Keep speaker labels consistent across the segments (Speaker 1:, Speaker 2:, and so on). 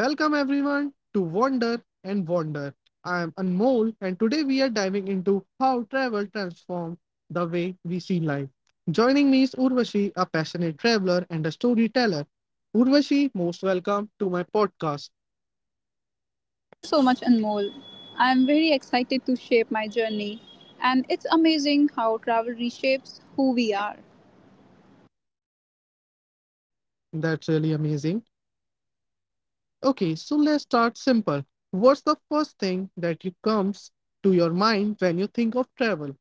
Speaker 1: Welcome everyone to Wander and Wander. I am Anmol and today we are diving into how travel transforms the way we see life. Joining me is Urvashi, a passionate traveler and a storyteller. Urvashi, most welcome to my podcast.
Speaker 2: Thank you so much, Anmol. I'm very excited to shape my journey, and it's amazing how travel reshapes who we are.
Speaker 1: That's really amazing. Okay, so let's start simple. What's the first thing that you comes to your mind when you think of travel?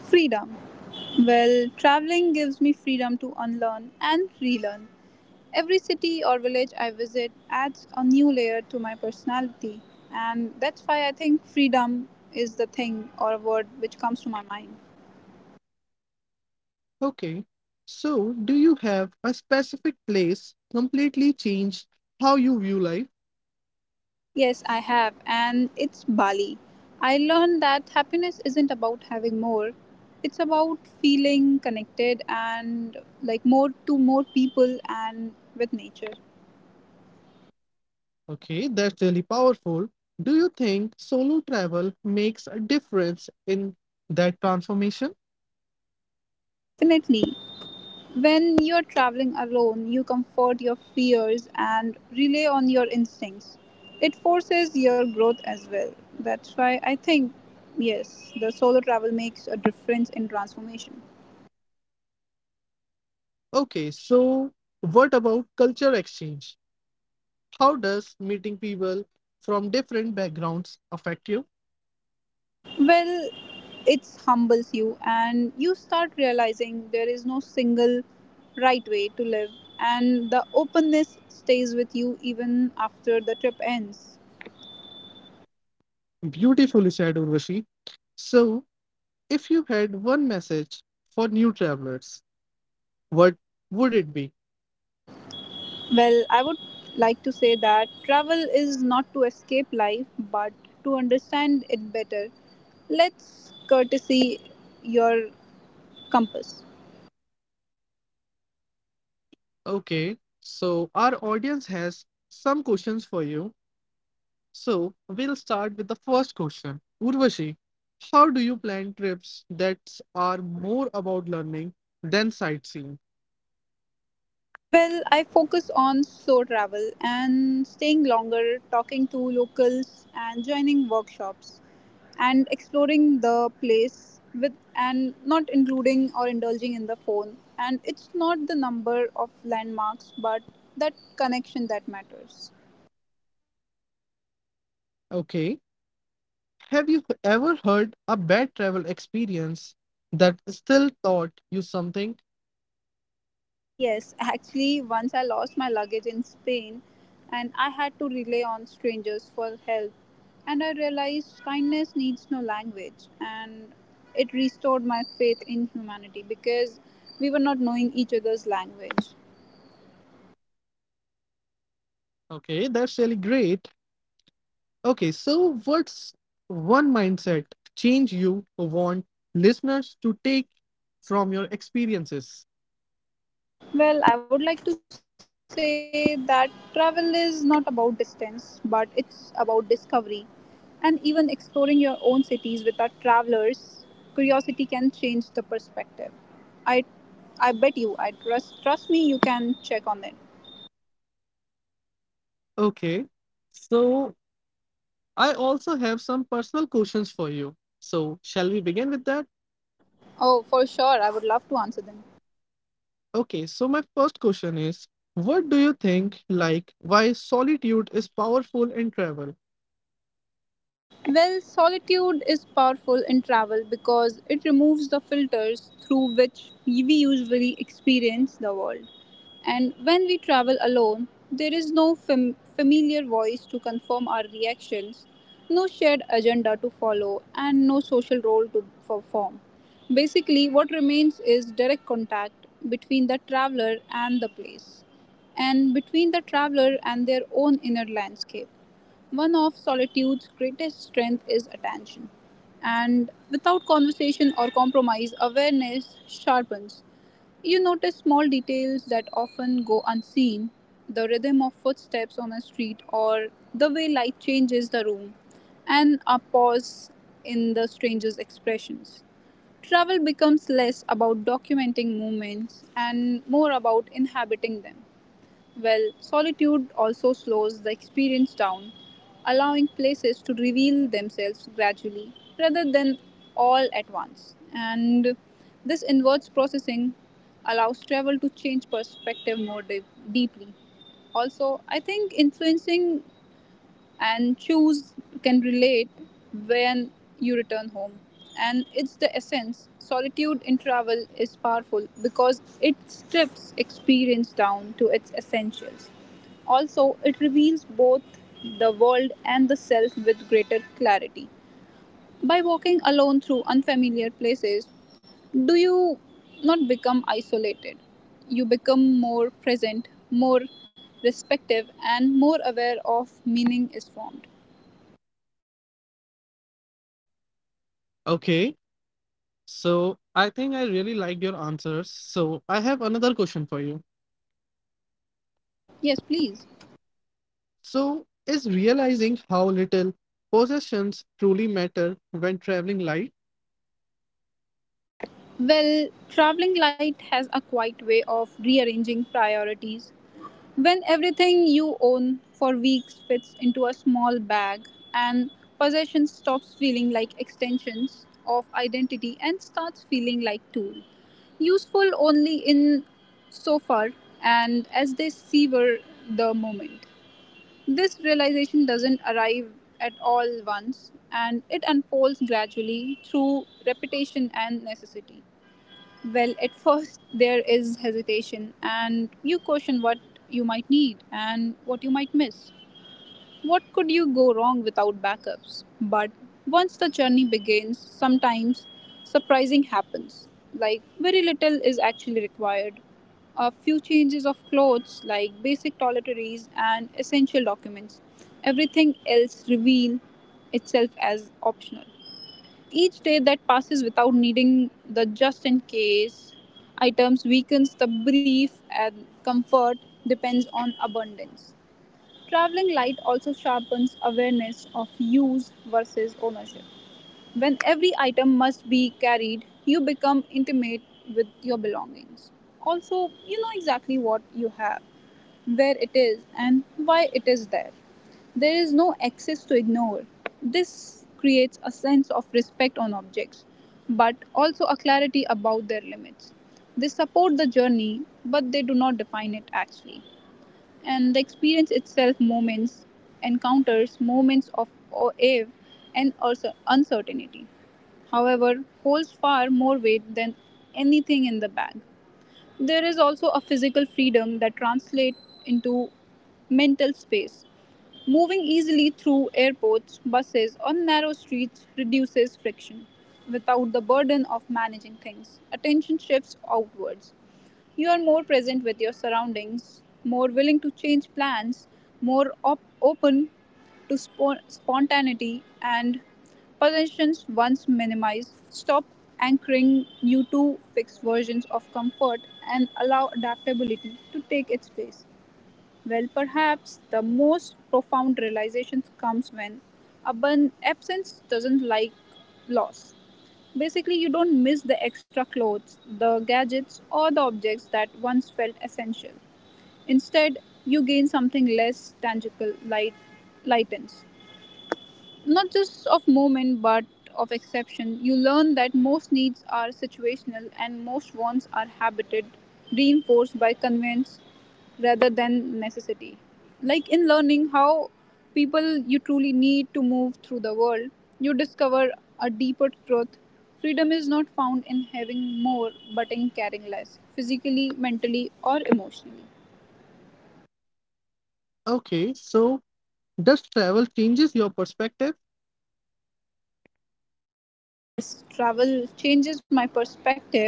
Speaker 2: Freedom. Well, traveling gives me freedom to unlearn and relearn. Every city or village I visit adds a new layer to my personality, and that's why I think freedom is the thing or a word which comes to my mind.
Speaker 1: Okay. So, do you have a specific place completely changed how you view life?
Speaker 2: Yes, I have, and it's Bali. I learned that happiness isn't about having more, it's about feeling connected and like more to more people and with nature.
Speaker 1: Okay, that's really powerful. Do you think solo travel makes a difference in that transformation?
Speaker 2: Definitely. When you're traveling alone, you comfort your fears and rely on your instincts. It forces your growth as well. That's why I think, yes, the solo travel makes a difference in transformation.
Speaker 1: Okay, so what about culture exchange? How does meeting people from different backgrounds affect you?
Speaker 2: Well, it humbles you, and you start realizing there is no single right way to live, and the openness stays with you even after the trip ends.
Speaker 1: Beautifully said, Urvashi. So, if you had one message for new travelers, what would it be?
Speaker 2: Well, I would like to say that travel is not to escape life but to understand it better. Let's courtesy your compass.
Speaker 1: Okay, so our audience has some questions for you. So we'll start with the first question. Urvashi, how do you plan trips that are more about learning than sightseeing?
Speaker 2: Well, I focus on slow travel and staying longer, talking to locals and joining workshops and exploring the place with and not including or indulging in the phone. And it's not the number of landmarks but that connection that matters.
Speaker 1: Okay. Have you ever heard a bad travel experience that still taught you something?
Speaker 2: Yes, actually, once I lost my luggage in Spain and I had to rely on strangers for help. And I realized kindness needs no language, and it restored my faith in humanity because we were not knowing each other's language.
Speaker 1: Okay, that's really great. Okay, so what's one mindset change you want listeners to take from your experiences?
Speaker 2: Well, I would like to say that travel is not about distance, but it's about discovery. And even exploring your own cities with our travelers, curiosity can change the perspective. I I bet you, I trust me you can check on it.
Speaker 1: Okay. So I also have some personal questions for you. So, shall we begin with that?
Speaker 2: Oh, for sure, I would love to answer them.
Speaker 1: Okay, so my first question is what do you think like why solitude is powerful in travel?
Speaker 2: Well, solitude is powerful in travel because it removes the filters through which we usually experience the world. And when we travel alone, there is no familiar voice to confirm our reactions, no shared agenda to follow, and no social role to perform. Basically, what remains is direct contact between the traveler and the place, and between the traveler and their own inner landscape. One of solitude's greatest strengths is attention, and without conversation or compromise, awareness sharpens. You notice small details that often go unseen: the rhythm of footsteps on a street, or the way light changes the room, and a pause in the stranger's expressions. Travel becomes less about documenting moments and more about inhabiting them. Well, solitude also slows the experience down, allowing places to reveal themselves gradually rather than all at once. And this inwards processing allows travel to change perspective more deeply. Also, I think influencing and choose can relate when you return home. And it's the essence. Solitude in travel is powerful because it strips experience down to its essentials. Also, it reveals both the world and the self with greater clarity. By walking alone through unfamiliar places, do you not become isolated? You become more present, more respective, and more aware of meaning is formed.
Speaker 1: Okay, so I think I really liked your answers. So, I have another question for you.
Speaker 2: Oh, yes, please.
Speaker 1: So, is realizing how little possessions truly matter when traveling light?
Speaker 2: Well, traveling light has a quiet way of rearranging priorities. When everything you own for weeks fits into a small bag and possession stops feeling like extensions of identity and starts feeling like tool. Useful only in so far and as they sever the moment. This realization doesn't arrive at all once, and it unfolds gradually through repetition and necessity. Well, at first, there is hesitation, and you question what you might need and what you might miss. What could you go wrong without backups? But once the journey begins, sometimes surprising happens. Like very little is actually required. A few changes of clothes, like basic toiletries and essential documents. Everything else reveal itself as optional. Each day that passes without needing the just in case items weakens the brief and comfort depends on abundance. Traveling light also sharpens awareness of use versus ownership. When every item must be carried, you become intimate with your belongings. Also, you know exactly what you have, where it is, and why it is there. There is no excess to ignore. This creates a sense of respect on objects, but also a clarity about their limits. They support the journey, but they do not define it actually, and the experience itself, moments, encounters, moments of awe and also uncertainty, however, holds far more weight than anything in the bag. There is also a physical freedom that translates into mental space. Moving easily through airports, buses, or narrow streets reduces friction. Without the burden of managing things, attention shifts outwards. You are more present with your surroundings, more willing to change plans, more open to spontaneity, and possessions once minimized. Stop anchoring you to fixed versions of comfort and allow adaptability to take its place. Well, perhaps the most profound realization comes when absence doesn't like loss. Basically, you don't miss the extra clothes, the gadgets, or the objects that once felt essential. Instead, you gain something less tangible. Lightens not just of moment but of exception. You learn that most needs are situational and most wants are habited, reinforced by convenience rather than necessity. Like in learning how people you truly need to move through the world, you discover a deeper truth: freedom is not found in having more but in caring less, physically, mentally, or emotionally.
Speaker 1: Okay, so does travel changes your perspective?
Speaker 2: Yes, travel changes my perspective,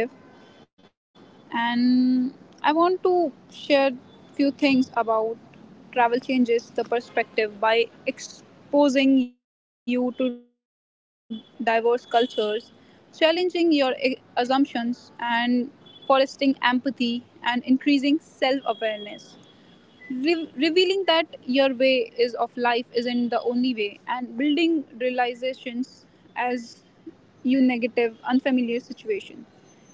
Speaker 2: and I want to share few things about travel changes the perspective by exposing you to diverse cultures, challenging your assumptions, and fostering empathy and increasing self awareness. Revealing that your way is of life isn't the only way and building realizations as you negative unfamiliar situation.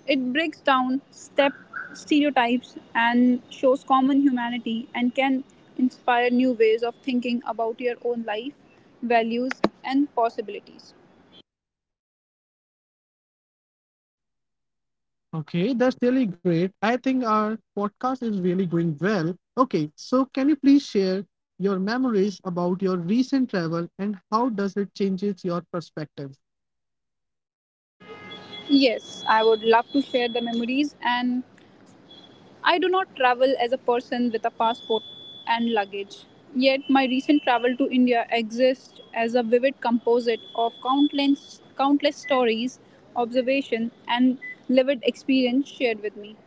Speaker 2: It breaks down step stereotypes and shows common humanity, and can inspire new ways of thinking about your own life, values, and possibilities.
Speaker 1: Okay, that's really great. I think our podcast is really going well. Okay, so can you please share your memories about your recent travel and how does it changes your perspective?
Speaker 2: Yes, I would love to share the memories. And I do not travel as a person with a passport and luggage. Yet, my recent travel to India exists as a vivid composite of countless, countless stories, observation, and lived experience shared with me.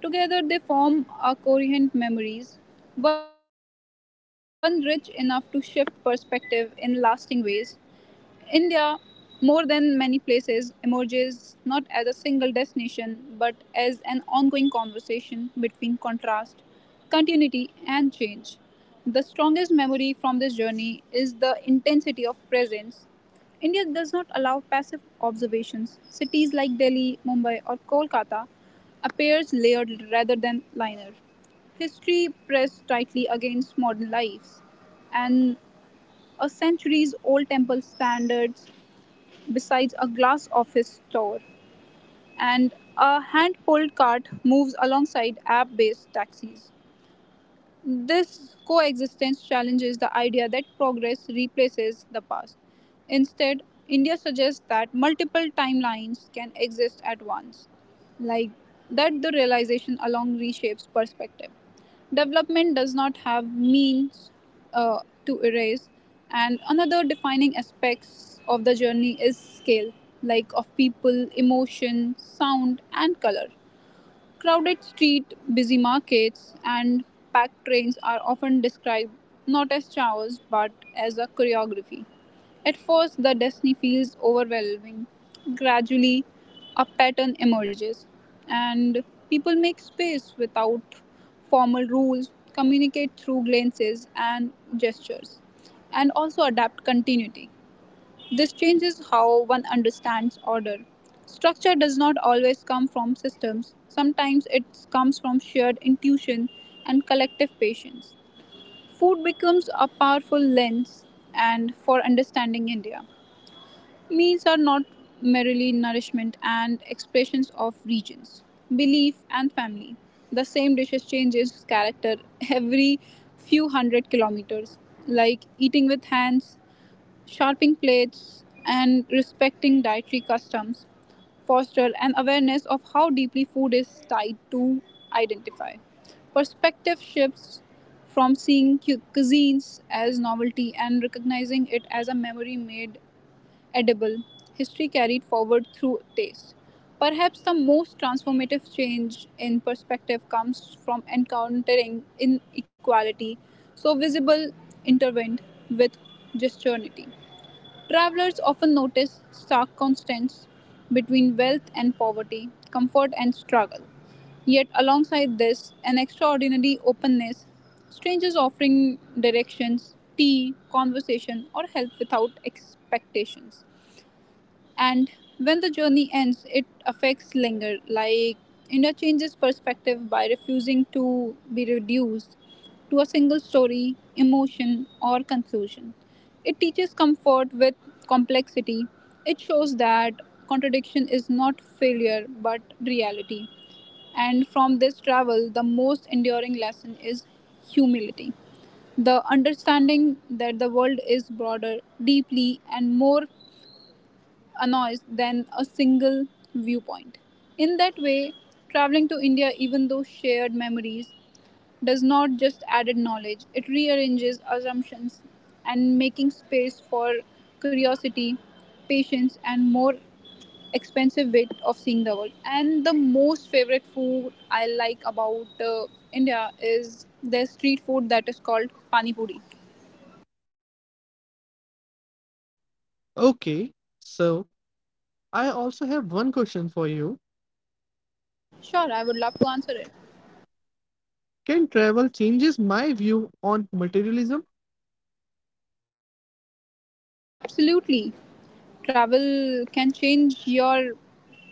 Speaker 2: Together, they form our coherent memories, one rich enough to shift perspective in lasting ways. India, more than many places, emerges not as a single destination but as an ongoing conversation between contrast, continuity, and change. The strongest memory from this journey is the intensity of presence. India does not allow passive observations. Cities like Delhi, Mumbai, or Kolkata appears layered rather than linear. History pressed tightly against modern lives, and a centuries old temple stands besides a glass office store, and a hand pulled cart moves alongside app based taxis. This coexistence challenges the idea that progress replaces the past. Instead, India suggests that multiple timelines can exist at once, like that the realization along reshapes perspective. Development does not have means uh, to erase. And another defining aspects of the journey is scale, like of people, emotion, sound, and color. Crowded street, busy markets, and packed trains are often described not as chaos but as a choreography. At first, the destiny feels overwhelming. Gradually, a pattern emerges, and people make space without formal rules, communicate through glances and gestures, and also adapt continuity. This changes how one understands order. Structure does not always come from systems, sometimes it comes from shared intuition and collective patience. Food becomes a powerful lens and for understanding India. Meals are not merely nourishment and expressions of regions, belief, and family. The same dishes changes character every few hundred kilometers, like eating with hands, sharpening plates, and respecting dietary customs foster an awareness of how deeply food is tied to identify. Perspective shifts from seeing cuisines as novelty and recognizing it as a memory made edible, history carried forward through taste. Perhaps the most transformative change in perspective comes from encountering inequality, so visible intervened with gesturnity. Travelers often notice stark contrasts between wealth and poverty, comfort and struggle. Yet, alongside this, an extraordinary openness, strangers offering directions, tea, conversation, or help without expectations. And when the journey ends, it affects linger, like India changes perspective by refusing to be reduced to a single story, emotion, or conclusion. It teaches comfort with complexity. It shows that contradiction is not failure but reality. And from this travel, the most enduring lesson is humility. The understanding that the world is broader, deeply, and more annoys than a single viewpoint. In that way, traveling to India, even though shared memories, does not just add knowledge, it rearranges assumptions and making space for curiosity, patience, and more expensive way of seeing the world. And the most favorite food I like about India is their street food that is called pani puri.
Speaker 1: Okay, so I also have one question for you.
Speaker 2: Sure, I would love to answer it.
Speaker 1: Can travel changes my view on materialism?
Speaker 2: Absolutely. Travel can change your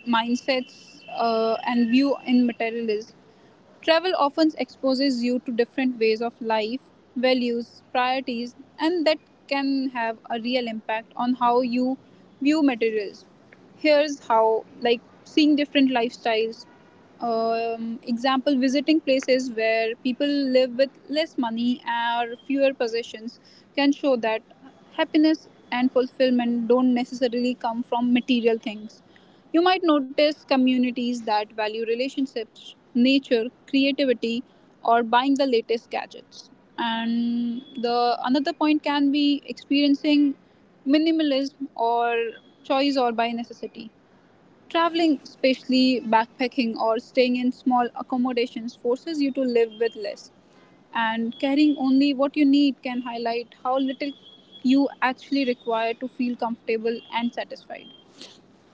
Speaker 2: mindsets and view in materialism. Travel often exposes you to different ways of life, values, priorities, and that can have a real impact on how you view materials. Here's how, like seeing different lifestyles. Example, visiting places where people live with less money or fewer possessions can show that happiness and fulfillment don't necessarily come from material things. You might notice communities that value relationships, nature, creativity, or buying the latest gadgets. And the another point can be experiencing minimalism or choice or by necessity. Traveling, especially backpacking or staying in small accommodations, forces you to live with less. And carrying only what you need can highlight how little you actually require to feel comfortable and satisfied.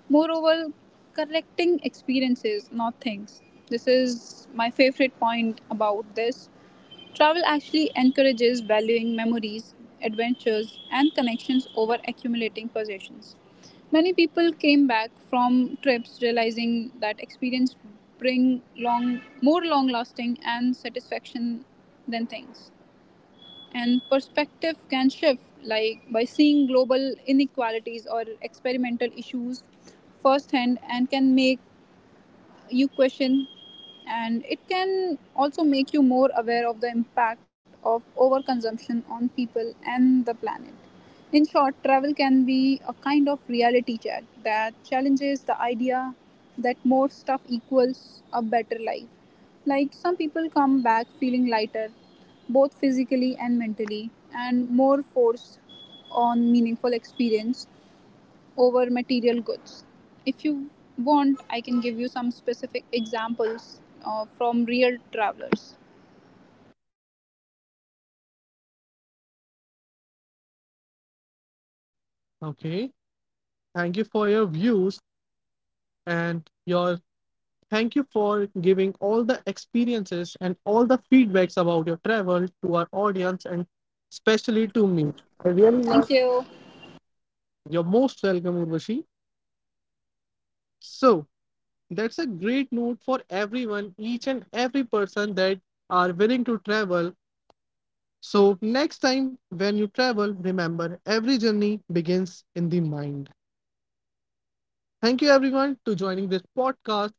Speaker 2: Moreover, collecting experiences, not things. This is my favorite point about this. Travel actually encourages valuing memories, adventures, and connections over accumulating possessions. Many people came back from trips realizing that experience bring long more long lasting and satisfaction than things. And perspective can shift, like by seeing global inequalities or experimental issues firsthand, and can make you question, and it can also make you more aware of the impact of overconsumption on people and the planet. In short, travel can be a kind of reality check that challenges the idea that more stuff equals a better life. Like some people come back feeling lighter, both physically and mentally, and more forced on meaningful experience over material goods. If you want, I can give you some specific examples from real travelers.
Speaker 1: Okay, thank you for your views and your thank you for giving all the experiences and all the feedbacks about your travel to our audience and especially to me. I really love
Speaker 2: Thank you.
Speaker 1: you're most welcome, Urvashi. So that's a great note for everyone, each and every person that are willing to travel. So next time when you travel, remember every journey begins in the mind. Thank you everyone to joining this podcast.